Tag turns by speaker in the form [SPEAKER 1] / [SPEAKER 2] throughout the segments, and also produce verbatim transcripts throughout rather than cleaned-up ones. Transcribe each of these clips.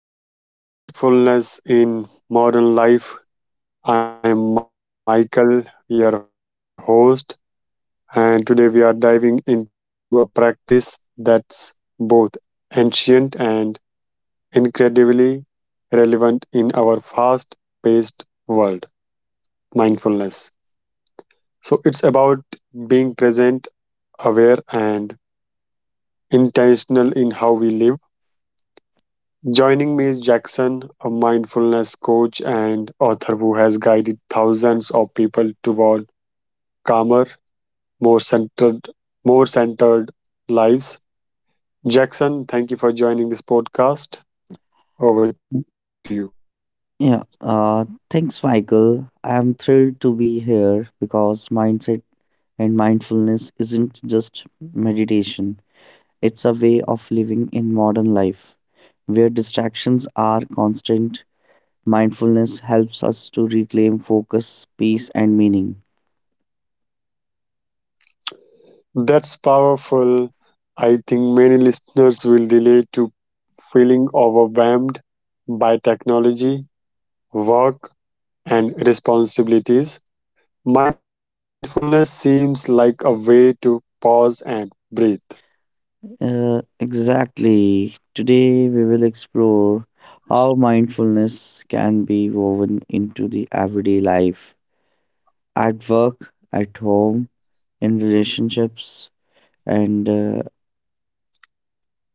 [SPEAKER 1] Welcome to Mindfulness in Modern Life. I am Michael, your host, and today we are diving into a practice that's both ancient and incredibly relevant in our fast paced world mindfulness. So, it's about being present, aware, and intentional in how we live. Joining me is Jackson, a mindfulness coach and author who has guided thousands of people toward calmer, more centered, more centered lives. Jackson, thank you for joining this podcast. Over to you.
[SPEAKER 2] Yeah, uh, Thanks, Michael. I'm thrilled to be here because mindset and mindfulness isn't just meditation, it's a way of living in modern life. Where distractions are constant, mindfulness helps us to reclaim focus, peace, and meaning.
[SPEAKER 1] That's powerful. I think many listeners will relate to feeling overwhelmed by technology, work, and responsibilities. Mindfulness seems like a way to pause and breathe.
[SPEAKER 2] Uh, exactly. Today, we will explore how mindfulness can be woven into the everyday life at work, at home in relationships, and uh,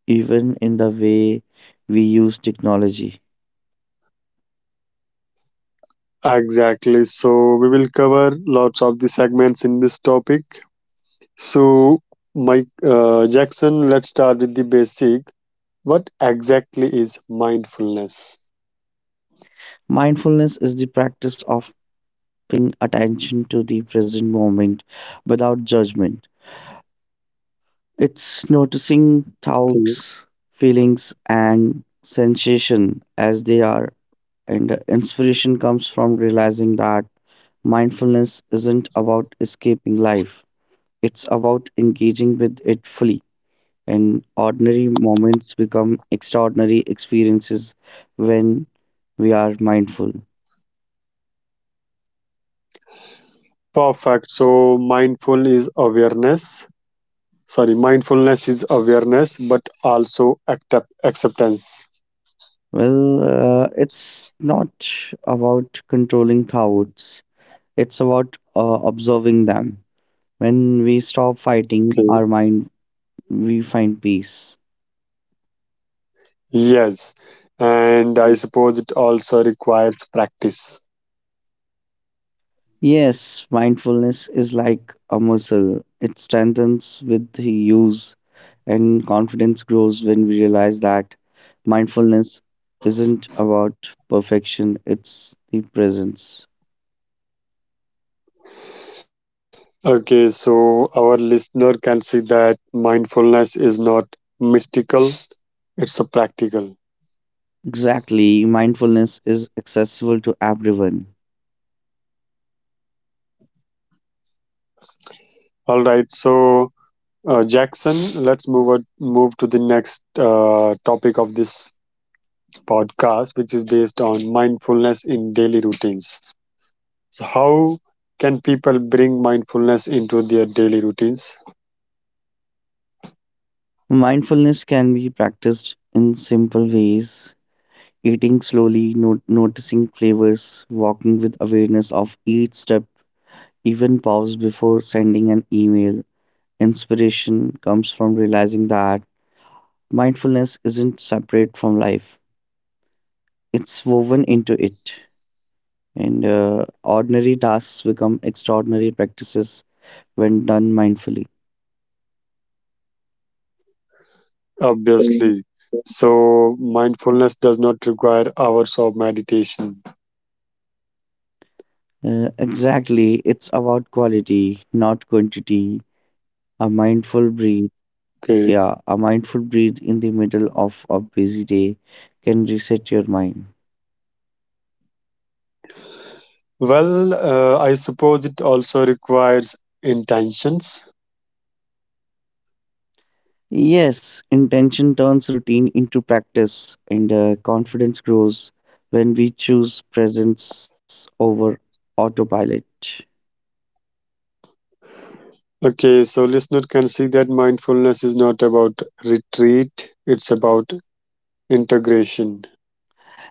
[SPEAKER 2] even in the way we use technology.
[SPEAKER 1] Exactly. So we will cover lots of the segments in this topic. So, Mike uh, Jackson, let's start with the basic. What exactly is mindfulness?
[SPEAKER 2] Mindfulness is the practice of paying attention to the present moment without judgment. It's noticing
[SPEAKER 1] Okay.
[SPEAKER 2] thoughts, feelings, and sensation as they are, and uh, inspiration comes from realizing that mindfulness isn't about escaping life, it's about engaging with it fully. And ordinary moments become extraordinary experiences when we are mindful.
[SPEAKER 1] Perfect. So, mindful is awareness. Sorry, mindfulness is awareness, but also accept acceptance.
[SPEAKER 2] Well, uh, it's not about controlling thoughts, it's about uh, observing them. When we stop fighting
[SPEAKER 1] Okay.
[SPEAKER 2] our mind, we find peace.
[SPEAKER 1] Yes, and I suppose it also requires practice.
[SPEAKER 2] Yes, mindfulness is like a muscle. It strengthens with the use, and confidence grows when we realize that mindfulness isn't about perfection, it's the presence.
[SPEAKER 1] Okay, so our listener can see that mindfulness is not mystical, it's a practical.
[SPEAKER 2] Exactly, mindfulness is accessible to everyone.
[SPEAKER 1] All right, so uh, Jackson, let's move on, move to the next uh, topic of this podcast, which is based on mindfulness in daily routines. So, how can people bring mindfulness into their daily routines?
[SPEAKER 2] Mindfulness can be practiced in simple ways eating slowly, no- noticing flavors, walking with awareness of each step, even pause before sending an email. Inspiration comes from realizing that mindfulness isn't separate from life, it's woven into it. And uh, ordinary tasks become extraordinary practices when done mindfully.
[SPEAKER 1] Obviously. So, mindfulness does not require hours of meditation.
[SPEAKER 2] Uh, exactly, it's about quality, not quantity. A mindful breathe, yeah,
[SPEAKER 1] Okay.
[SPEAKER 2] a mindful breathe in the middle of a busy day can reset your mind.
[SPEAKER 1] Well, uh, I suppose it also requires intentions.
[SPEAKER 2] Yes, intention turns routine into practice, and uh, confidence grows when we choose presence over autopilot.
[SPEAKER 1] Okay. So, listener can see that mindfulness is not about retreat, it's about integration.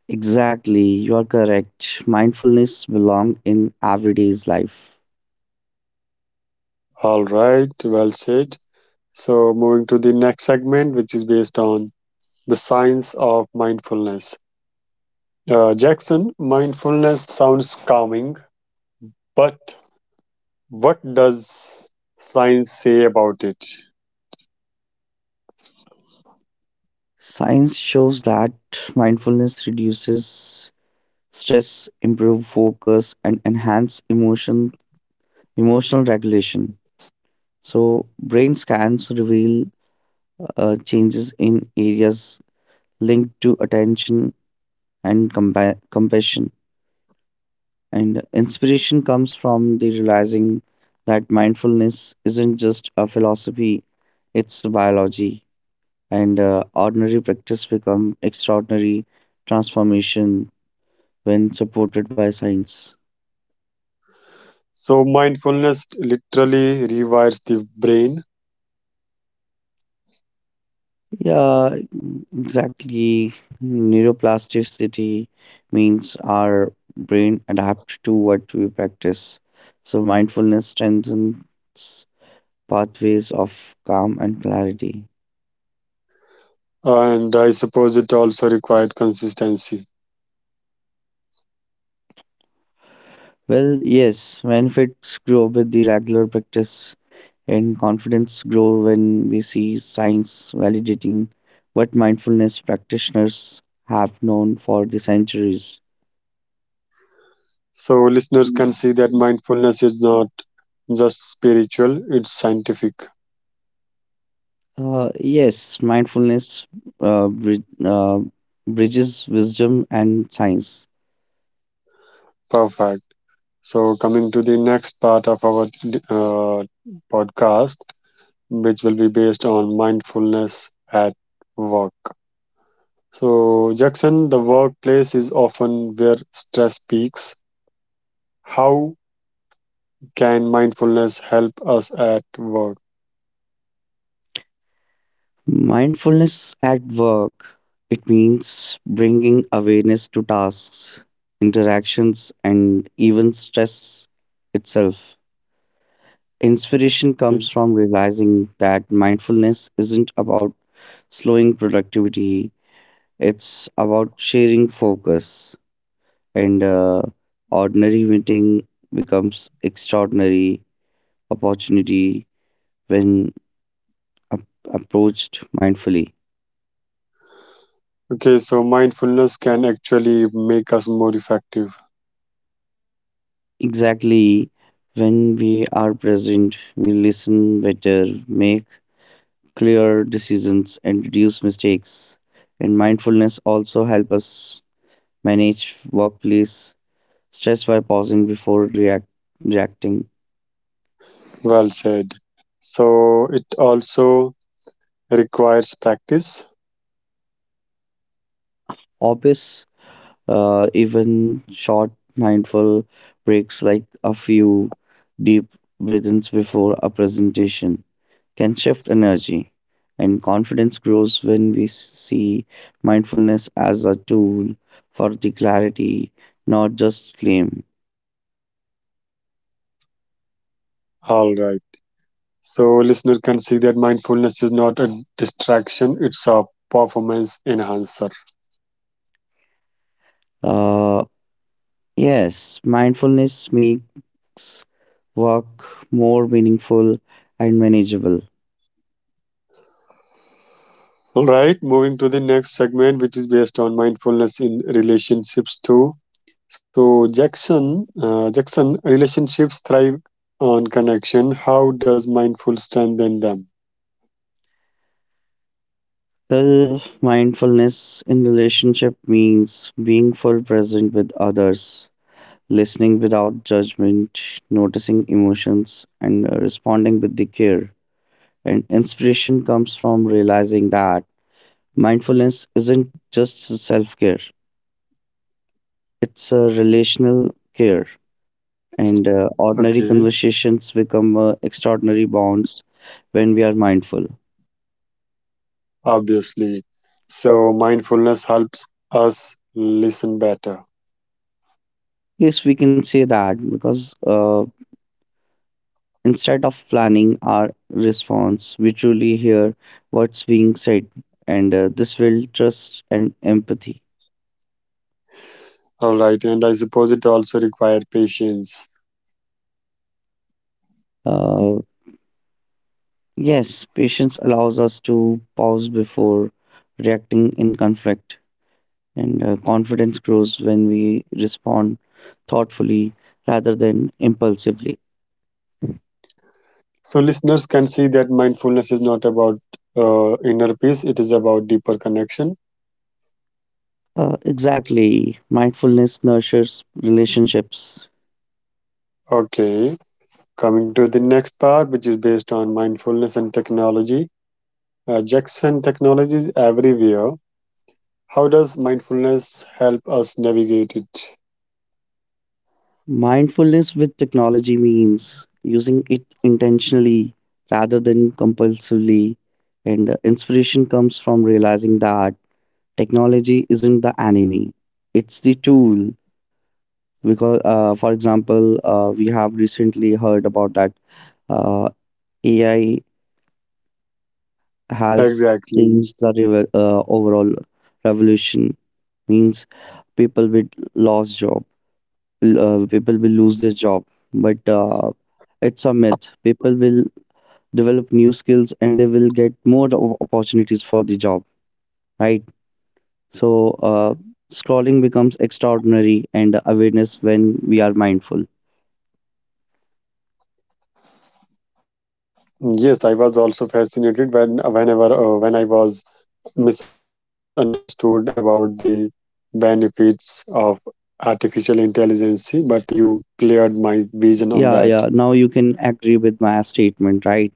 [SPEAKER 2] Exactly, you are correct. Mindfulness belongs in everyday's life.
[SPEAKER 1] All right. Well said. So, moving to the next segment, which is based on the science of mindfulness. Uh, Jackson, mindfulness sounds calming, but what does science say about it?
[SPEAKER 2] Science shows that mindfulness reduces stress, improve focus, and enhance emotion emotional regulation. So, brain scans reveal uh, changes in areas linked to attention and compa- compassion. And inspiration comes from the realizing that mindfulness isn't just a philosophy, it's biology. And uh, ordinary practice become extraordinary transformation when supported by science.
[SPEAKER 1] So, mindfulness literally rewires the brain,
[SPEAKER 2] Yeah, exactly. Neuroplasticity means our brain adapt to what we practice. So mindfulness strengthens pathways of calm and clarity.
[SPEAKER 1] and I suppose it also required consistency.
[SPEAKER 2] Well, yes, benefits grow with the regular practice and confidence grow when we see science validating what mindfulness practitioners have known for the centuries.
[SPEAKER 1] So, listeners can see that mindfulness is not just spiritual, it's scientific.
[SPEAKER 2] Uh, yes, mindfulness uh, brid- uh, bridges wisdom and science.
[SPEAKER 1] Perfect. So, coming to the next part of our uh, podcast, which will be based on mindfulness at work. So, Jackson, the workplace is often where stress peaks. How can mindfulness help us at work?
[SPEAKER 2] Mindfulness at work, it means bringing awareness to tasks, interactions, and even stress itself. Inspiration
[SPEAKER 1] Okay.
[SPEAKER 2] comes from realizing that mindfulness isn't about slowing productivity, it's about sharing focus. And uh, ordinary meeting becomes extraordinary opportunity when ap- approached mindfully.
[SPEAKER 1] Okay, so mindfulness can actually make us more effective.
[SPEAKER 2] Exactly when we are present, we listen better, make clear decisions, and reduce mistakes. And mindfulness also helps us manage workplace stress by pausing before react, reacting.
[SPEAKER 1] Well said. So it also requires practice.
[SPEAKER 2] Obvious, uh, even short mindful breaks like a few deep breaths before a presentation can shift energy. And confidence grows when we see mindfulness as a tool for the clarity, not just claim.
[SPEAKER 1] All right. So listener can see that mindfulness is not a distraction, it's a performance enhancer.
[SPEAKER 2] Uh, yes, mindfulness make makes work more meaningful and manageable.
[SPEAKER 1] All right, moving to the next segment, which is based on mindfulness in relationships too. So Jackson, uh, Jackson, relationships thrive on connection. How does mindful strengthen them?
[SPEAKER 2] Well, mindfulness in relationship means being full present with others, listening without judgment, noticing emotions, and uh, responding with the care. And inspiration comes from realizing that mindfulness isn't just self care, it's a relational care. And uh, ordinary
[SPEAKER 1] Okay,
[SPEAKER 2] conversations become uh, extraordinary bonds when we are mindful.
[SPEAKER 1] obviously. So mindfulness helps us listen better.
[SPEAKER 2] Yes, we can say that because uh, instead of planning our response, we truly hear what's being said, and uh, this will trust and empathy.
[SPEAKER 1] All right, and I suppose it also requires patience.
[SPEAKER 2] Uh, yes, patience allows us to pause before reacting in conflict, and uh, confidence grows when we respond thoughtfully rather than impulsively.
[SPEAKER 1] So listeners can see that mindfulness is not about uh, inner peace; it is about deeper connection.
[SPEAKER 2] Uh, exactly. Mindfulness nurtures relationships.
[SPEAKER 1] Okay, coming to the next part, which is based on mindfulness and technology. Uh, Jackson, technology is everywhere. How does mindfulness help us navigate it?
[SPEAKER 2] Mindfulness with technology means using it intentionally rather than compulsively, and uh, inspiration comes from realizing that technology isn't the enemy, it's the tool. Because, uh, for example, uh, we have recently heard about that uh, A I has changed the
[SPEAKER 1] Exactly.
[SPEAKER 2] revo- uh, overall revolution, means people with lost job l- uh, people will lose their job but uh, it's a myth people will develop new skills and they will get more o- opportunities for the job, right? So uh, scrolling becomes extraordinary and awareness when we are mindful.
[SPEAKER 1] Yes, I was also fascinated when whenever uh, when I was misunderstood about the benefits of artificial intelligence, but you cleared my vision
[SPEAKER 2] yeah
[SPEAKER 1] on
[SPEAKER 2] yeah
[SPEAKER 1] that.
[SPEAKER 2] now you can agree with my statement, right?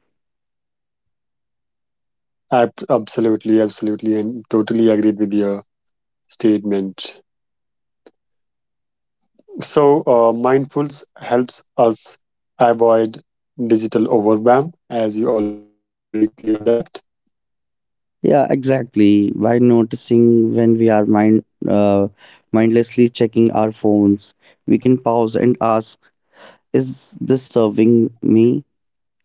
[SPEAKER 1] Ab- absolutely, absolutely, and totally agreed with your statement. So, uh, mindfulness helps us avoid digital overwhelm, as you already cleared that.
[SPEAKER 2] Yeah, exactly, by noticing when we are mind uh, mindlessly checking our phones, we can pause and ask, is this serving me?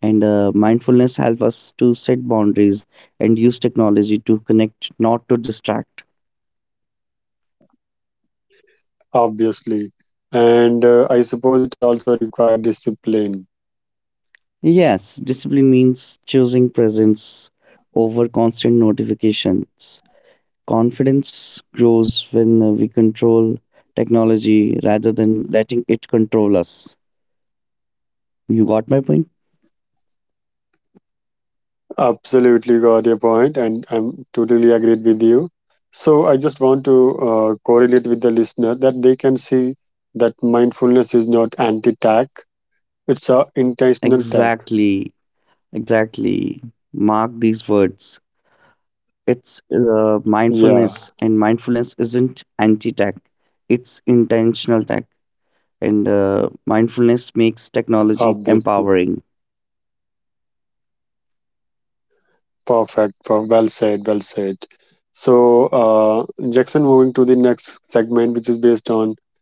[SPEAKER 2] And uh, mindfulness helps us to set boundaries and use technology to connect, not to distract.
[SPEAKER 1] Obviously. And uh, I suppose it also required discipline.
[SPEAKER 2] Yes, discipline means choosing presence over constant notifications. Confidence grows when uh, we control technology rather than letting it control us. You got my point?
[SPEAKER 1] Absolutely got your point, and I'm totally agreed with you. So I just want to uh, correlate with the listener that they can see that mindfulness is not anti-tack; it's a intentional tack.
[SPEAKER 2] Exactly, exactly. Mark these words. it's uh, mindfulness and
[SPEAKER 1] Yeah,
[SPEAKER 2] mindfulness isn't anti-tech, it's intentional tech. And uh, mindfulness makes technology
[SPEAKER 1] obviously.
[SPEAKER 2] empowering.
[SPEAKER 1] Perfect. per- Well said. Well said. So, uh, Jackson, moving to the next segment, which is based on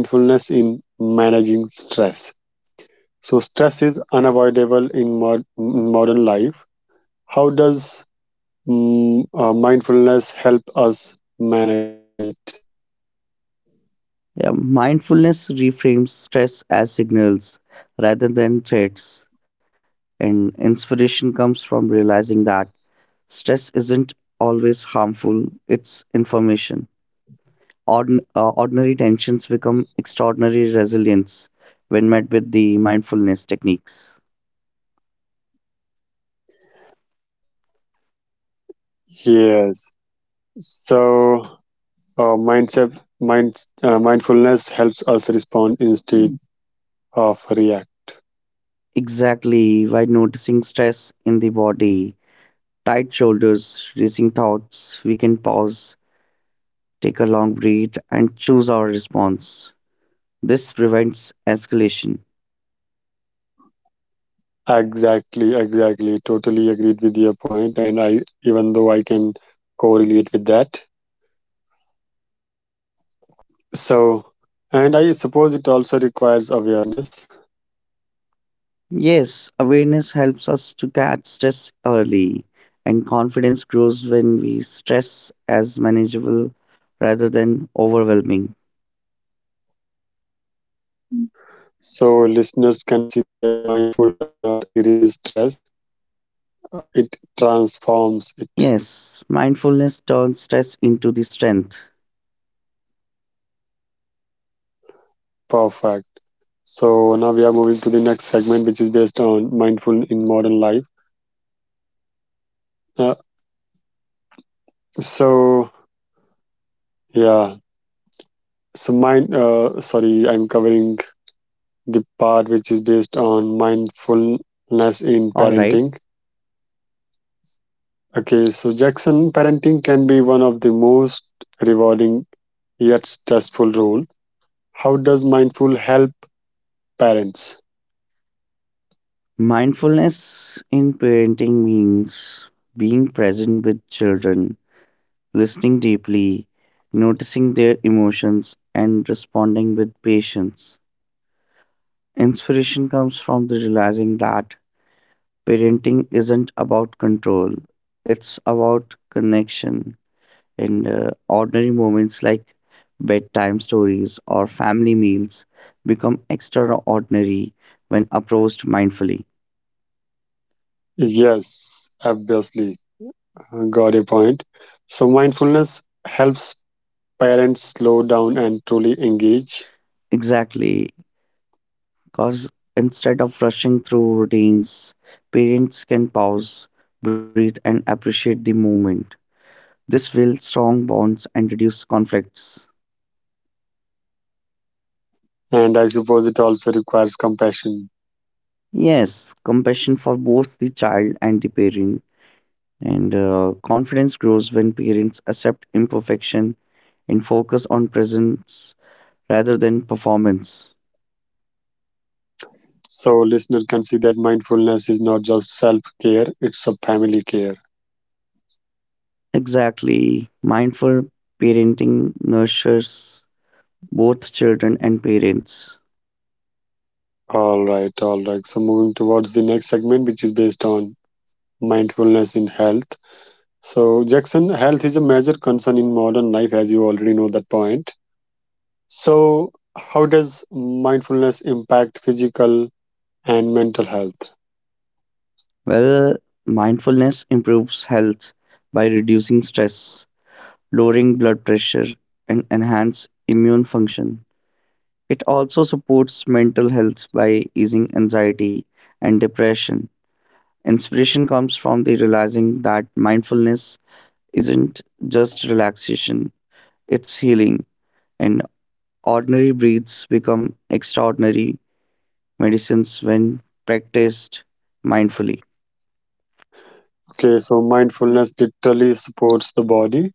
[SPEAKER 1] mindfulness in managing stress. So stress is unavoidable in mod- in modern life. How does mm, uh, mindfulness help us manage it?
[SPEAKER 2] Yeah, mindfulness reframes stress as signals rather than threats, and inspiration comes from realizing that stress isn't always harmful, it's information. Ordin- uh, ordinary tensions become extraordinary resilience when met with the mindfulness techniques.
[SPEAKER 1] Yes. So uh, mindset, mind, uh, mindfulness helps us respond instead of react.
[SPEAKER 2] Exactly, by noticing stress in the body, tight shoulders, racing thoughts, we can pause take a long breath, and choose our response. This prevents escalation.
[SPEAKER 1] Exactly, exactly. Totally agreed with your point, and I even though I can correlate with that. So, and I suppose it also requires awareness.
[SPEAKER 2] Yes, awareness helps us to catch stress early, and confidence grows when we stress as manageable rather than overwhelming.
[SPEAKER 1] So, listeners can see that mindful does not erase stress, uh, it transforms it.
[SPEAKER 2] Yes, mindfulness turns stress into the strength.
[SPEAKER 1] Perfect. So, now we are moving to the next segment, which is based on mindful in modern life. Uh, so, yeah. So, mind, uh, sorry, I'm covering the part which is based on mindfulness in
[SPEAKER 2] All right.
[SPEAKER 1] parenting. Okay, so Jackson, parenting can be one of the most rewarding yet stressful roles. How does mindful help parents?
[SPEAKER 2] Mindfulness in parenting means being present with children listening deeply, noticing their emotions, and responding with patience. Inspiration comes from the realizing that parenting isn't about control, it's about connection. In uh, ordinary moments like bedtime stories or family meals become extraordinary when approached mindfully.
[SPEAKER 1] Yes, obviously. Got a point. So, mindfulness helps parents slow down and truly engage.
[SPEAKER 2] Exactly. Because instead of rushing through routines, parents can pause, breathe, and appreciate the moment. This will strong bonds and reduce conflicts.
[SPEAKER 1] And I suppose it also requires compassion.
[SPEAKER 2] Yes, compassion for both the child and the parent. And uh, confidence grows when parents accept imperfection and focus on presence rather than performance.
[SPEAKER 1] So, listener can see that mindfulness is not just self care, it's a family care.
[SPEAKER 2] Exactly. Mindful parenting nurtures both children and parents.
[SPEAKER 1] All right, all right. So, moving towards the next segment, which is based on mindfulness in health. So, Jackson, health is a major concern in modern life, as you already know that point. So, how does mindfulness impact physical and mental health?
[SPEAKER 2] Well, mindfulness improves health by reducing stress, lowering blood pressure, and enhance immune function. It also supports mental health by easing anxiety and depression. Inspiration comes from the realizing that mindfulness isn't just relaxation, it's healing, and ordinary breaths become extraordinary medicines when practiced mindfully.
[SPEAKER 1] Okay, so mindfulness literally supports the body,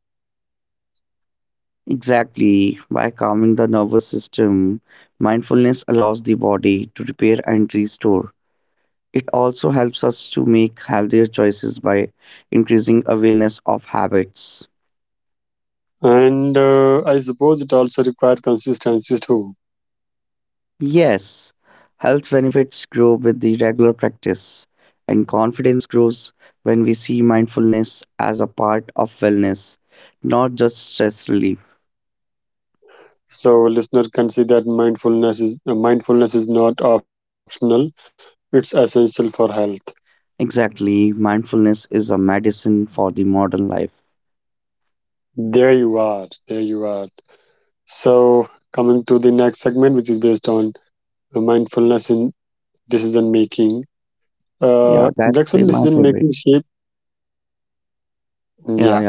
[SPEAKER 2] Exactly. By calming the nervous system, mindfulness allows the body to repair and restore. It also helps us to make healthier choices by increasing awareness of habits.
[SPEAKER 1] and uh, I suppose it also requires consistency too.
[SPEAKER 2] Yes, health benefits grow with the regular practice, and confidence grows when we see mindfulness as a part of wellness, not just stress relief.
[SPEAKER 1] So, listener can see that mindfulness is uh, mindfulness is not optional; it's essential for health.
[SPEAKER 2] Exactly, mindfulness is a medicine for the modern life.
[SPEAKER 1] There you are. There you are. So, coming to the next segment, which is based on mindfulness in decision making.
[SPEAKER 2] Yeah,
[SPEAKER 1] Uh,
[SPEAKER 2] that's the,
[SPEAKER 1] Jackson
[SPEAKER 2] my
[SPEAKER 1] decision
[SPEAKER 2] favorite.
[SPEAKER 1] making shape.
[SPEAKER 2] Yeah,
[SPEAKER 1] Yeah.
[SPEAKER 2] yeah.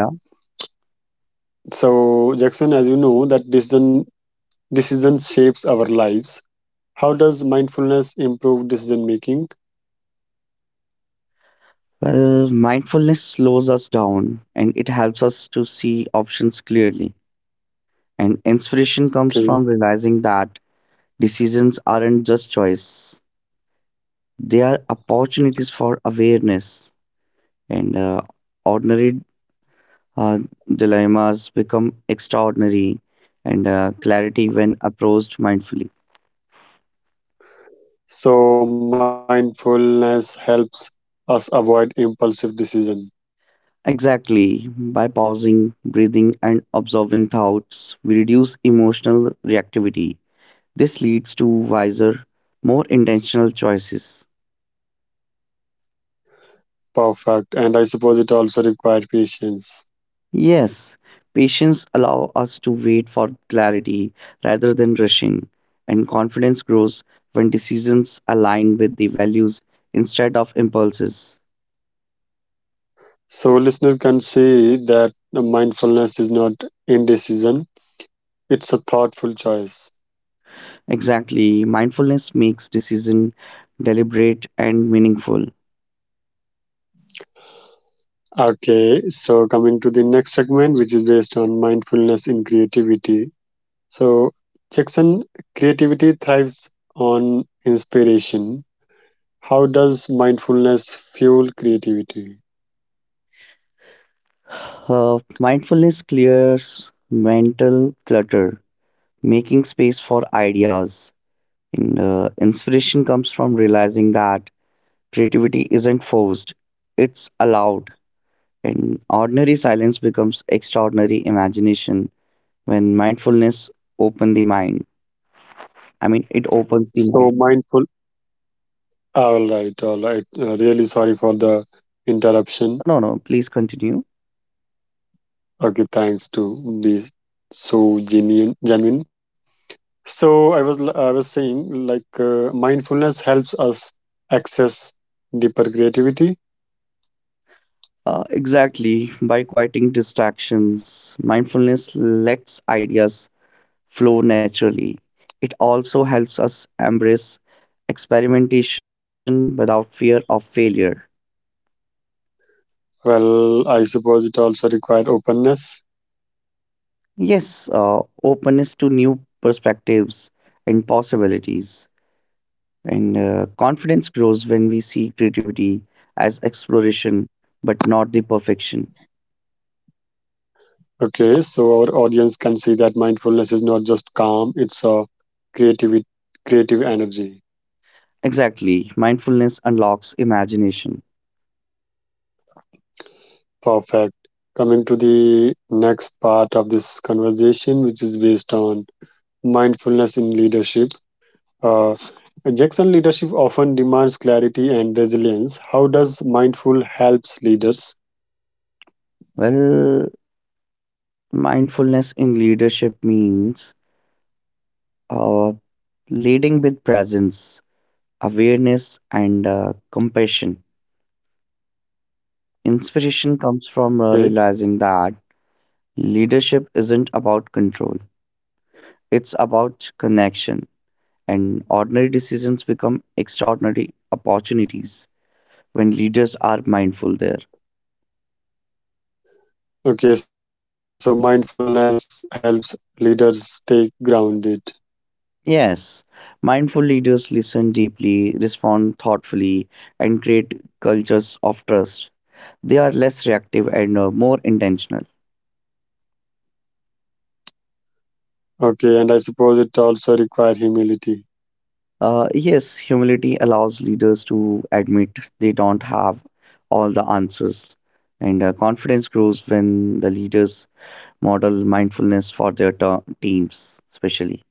[SPEAKER 1] So, Jackson, as you know, that decision decision shapes our lives. How does mindfulness improve decision making?
[SPEAKER 2] Well, mindfulness slows us down and it helps us to see options clearly. And inspiration comes
[SPEAKER 1] Okay.
[SPEAKER 2] from realizing that decisions aren't just choice, they are opportunities for awareness. And uh, ordinary uh, dilemmas become extraordinary and uh, clarity when approached mindfully.
[SPEAKER 1] So, mindfulness helps us avoid impulsive decision.
[SPEAKER 2] Exactly. By pausing, breathing, and observing thoughts, we reduce emotional reactivity. This leads to wiser, more intentional choices.
[SPEAKER 1] Perfect. And I suppose it also requires patience.
[SPEAKER 2] Yes, patience allows us to wait for clarity rather than rushing, and confidence grows when decisions align with the values instead of impulses.
[SPEAKER 1] So, listener can see that the mindfulness is not indecision; it's a thoughtful choice.
[SPEAKER 2] Exactly, mindfulness makes decision deliberate and meaningful.
[SPEAKER 1] Okay. So, coming to the next segment, which is based on mindfulness in creativity. So, Jackson, creativity thrives on inspiration. How does mindfulness fuel creativity?
[SPEAKER 2] Uh, mindfulness clears mental clutter, making space for ideas. And, uh, inspiration comes from realizing that creativity isn't forced, it's allowed. And ordinary silence becomes extraordinary imagination when mindfulness open the mind. I mean, it opens the
[SPEAKER 1] So,
[SPEAKER 2] mind.
[SPEAKER 1] mindful. All right, all right. Uh, really sorry for the interruption.
[SPEAKER 2] No, no, please continue.
[SPEAKER 1] Okay, thanks to be so genuine. Genuine. So, I was l- I was saying like uh, mindfulness helps us access deeper creativity.
[SPEAKER 2] Uh, exactly. By quieting distractions, mindfulness lets ideas flow naturally. It also helps us embrace experimentation without fear of failure.
[SPEAKER 1] Well, I suppose it also requires openness.
[SPEAKER 2] Yes, uh, openness to new perspectives and possibilities. And uh, confidence grows when we see creativity as exploration, but not the perfection.
[SPEAKER 1] Okay, so our audience can see that mindfulness is not just calm, it's a creative creative energy.
[SPEAKER 2] Exactly. Mindfulness unlocks imagination.
[SPEAKER 1] Perfect. Coming to the next part of this conversation, which is based on mindfulness in leadership. Uh, Jackson leadership often demands clarity and resilience. How does mindful helps leaders?
[SPEAKER 2] Well, mindfulness in leadership means uh, leading with presence, awareness, and uh, compassion. Inspiration comes
[SPEAKER 1] Okay.
[SPEAKER 2] from uh, realizing that leadership isn't about control, it's about connection, and ordinary decisions become extraordinary opportunities when leaders are mindful there.
[SPEAKER 1] Okay, so mindfulness helps leaders stay grounded.
[SPEAKER 2] Yes, mindful leaders listen deeply, respond thoughtfully, and create cultures of trust. They are less reactive and uh, more intentional.
[SPEAKER 1] Okay, and I suppose it also requires humility.
[SPEAKER 2] Uh, yes, humility allows leaders to admit they don't have all the answers, and uh, confidence grows when the leaders model mindfulness for their ter- teams, especially.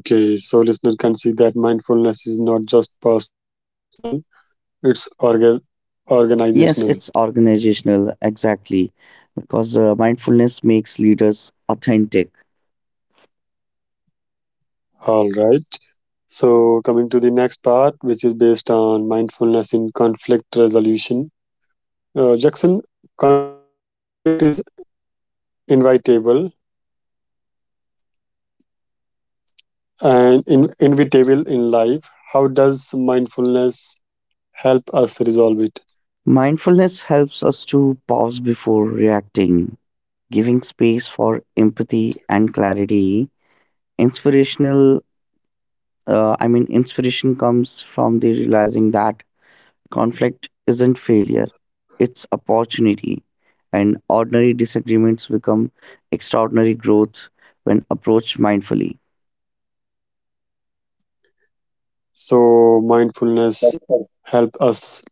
[SPEAKER 1] Okay, so listener can see that mindfulness is not just personal, it's orga- organizational.
[SPEAKER 2] Yes, it's organizational, exactly, because uh, mindfulness makes leaders authentic.
[SPEAKER 1] All right. So coming to the next part, which is based on mindfulness in conflict resolution. Uh, Jackson, conflict is invitable and in- inevitable in life. How does mindfulness help us resolve it?
[SPEAKER 2] Mindfulness helps us to pause before reacting, giving space for empathy and clarity. Inspirational, uh, I mean, inspiration comes from the realizing that conflict isn't failure, it's opportunity. And ordinary disagreements become extraordinary growth when approached mindfully.
[SPEAKER 1] So mindfulness help us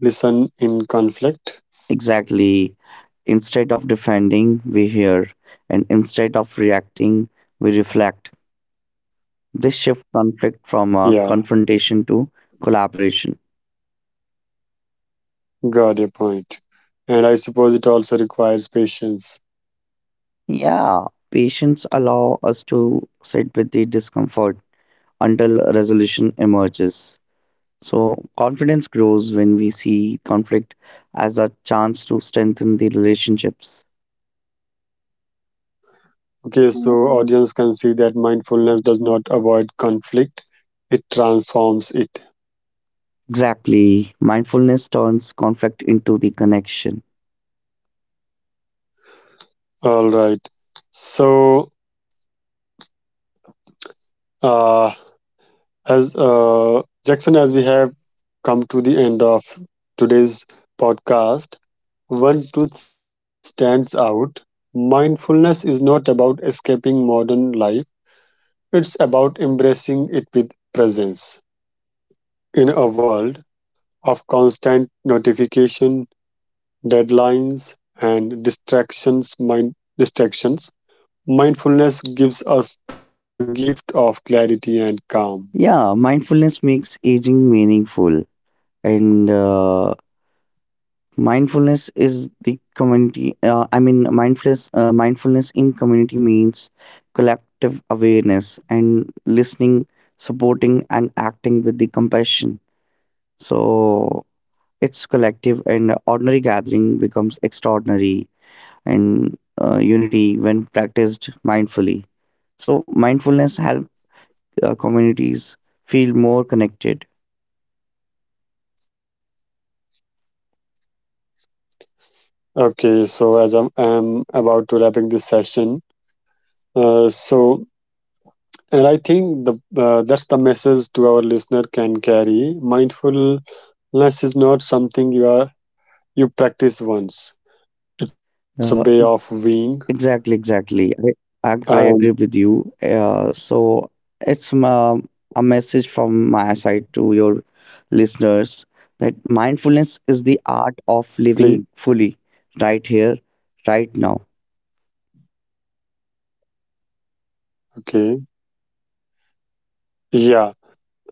[SPEAKER 1] listen in conflict.
[SPEAKER 2] Exactly. Instead of defending, we hear, and instead of reacting, we reflect. This shift conflict from a
[SPEAKER 1] Yeah.
[SPEAKER 2] confrontation to collaboration.
[SPEAKER 1] Got your point. And I suppose it also requires patience.
[SPEAKER 2] Yeah, patience allow us to sit with the discomfort until a resolution emerges. So confidence grows when we see conflict as a chance to strengthen the relationships.
[SPEAKER 1] Okay, so
[SPEAKER 2] Mhm.
[SPEAKER 1] audience can see that mindfulness does not avoid conflict, it transforms it.
[SPEAKER 2] Exactly. Mindfulness turns conflict into the connection.
[SPEAKER 1] All right. So, uh, as uh, Jackson, as we have come to the end of today's podcast, one truth stands out. Mindfulness is not about escaping modern life, it's about embracing it with presence. In a world of constant notification, deadlines, and distractions, mind, distractions, mindfulness gives us the gift of clarity and calm.
[SPEAKER 2] Yeah, mindfulness makes aging meaningful, and uh, mindfulness is the community. Uh, I mean, mindfulness. Uh, mindfulness in community means collective awareness and listening, supporting, and acting with the compassion. So it's collective, and ordinary gathering becomes extraordinary, and uh, unity when practiced mindfully. So mindfulness help uh, communities feel more connected.
[SPEAKER 1] Okay, so as I'm, I'm about to wrapping this session, uh, so and I think the uh, that's the message to our listener can carry. Mindfulness is not something you are you practice once. It's a
[SPEAKER 2] Uh,
[SPEAKER 1] way of
[SPEAKER 2] ex-
[SPEAKER 1] being.
[SPEAKER 2] exactly, exactly. I, I, I agree
[SPEAKER 1] And
[SPEAKER 2] with you. Uh, so it's um, A message from my side to your listeners that mindfulness is the art of
[SPEAKER 1] please,
[SPEAKER 2] living fully, right here, right now.
[SPEAKER 1] okay, yeah,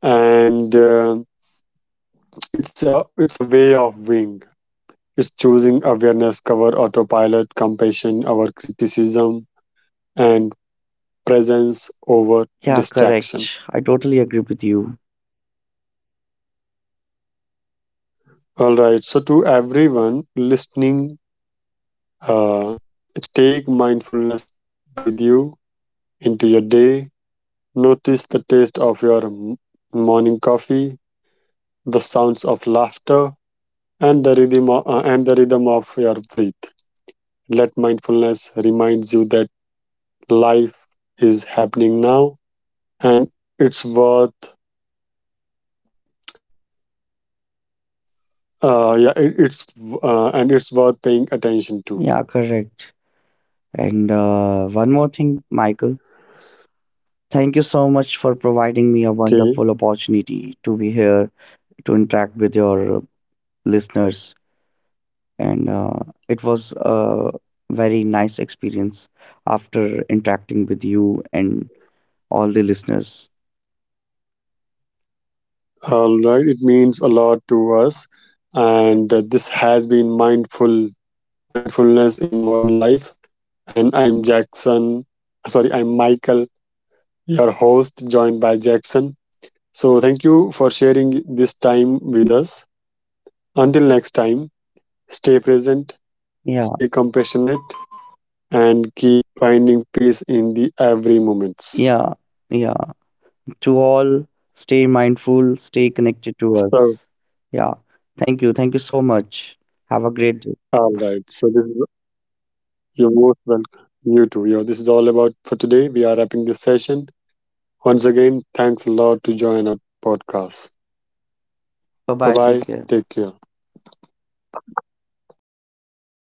[SPEAKER 1] and. Um It's a it's a way of being. It's choosing awareness cover autopilot, compassion over criticism, and presence over
[SPEAKER 2] Yeah,
[SPEAKER 1] distraction.
[SPEAKER 2] correct. I totally agree with you.
[SPEAKER 1] All right. So to everyone listening, uh, take mindfulness with you into your day. Notice the taste of your m- morning coffee, the sounds of laughter, and the rhythm o- uh, and the rhythm of your breath. Let mindfulness reminds you that life is happening now and it's worth uh yeah it, it's uh, and it's worth paying attention to.
[SPEAKER 2] Yeah, correct. And uh, one more thing, Michael. Thank you so much for providing me a
[SPEAKER 1] Okay,
[SPEAKER 2] wonderful opportunity to be here to interact with your uh, listeners. And uh, it was a very nice experience after interacting with you and all the listeners.
[SPEAKER 1] all right, it means a lot to us, and uh, this has been mindful mindfulness in modern life, and I'm jackson sorry I'm Michael, your host, joined by Jackson. So thank you for sharing this time with us. Until next time, stay present,
[SPEAKER 2] Yeah,
[SPEAKER 1] stay compassionate, and keep finding peace in the every moments.
[SPEAKER 2] yeah, yeah. To all, stay mindful, stay connected
[SPEAKER 1] So,
[SPEAKER 2] to us. Yeah, thank you. Thank you so much. Have a
[SPEAKER 1] all
[SPEAKER 2] great
[SPEAKER 1] right.
[SPEAKER 2] day.
[SPEAKER 1] So this is you're most welcome. You too. Yeah, this is all about for today. We are wrapping this session. Once again, thanks a lot to join our podcast.
[SPEAKER 2] Bye
[SPEAKER 1] Bye
[SPEAKER 2] bye.
[SPEAKER 1] bye.
[SPEAKER 2] Take care.
[SPEAKER 1] Take care. Thank you.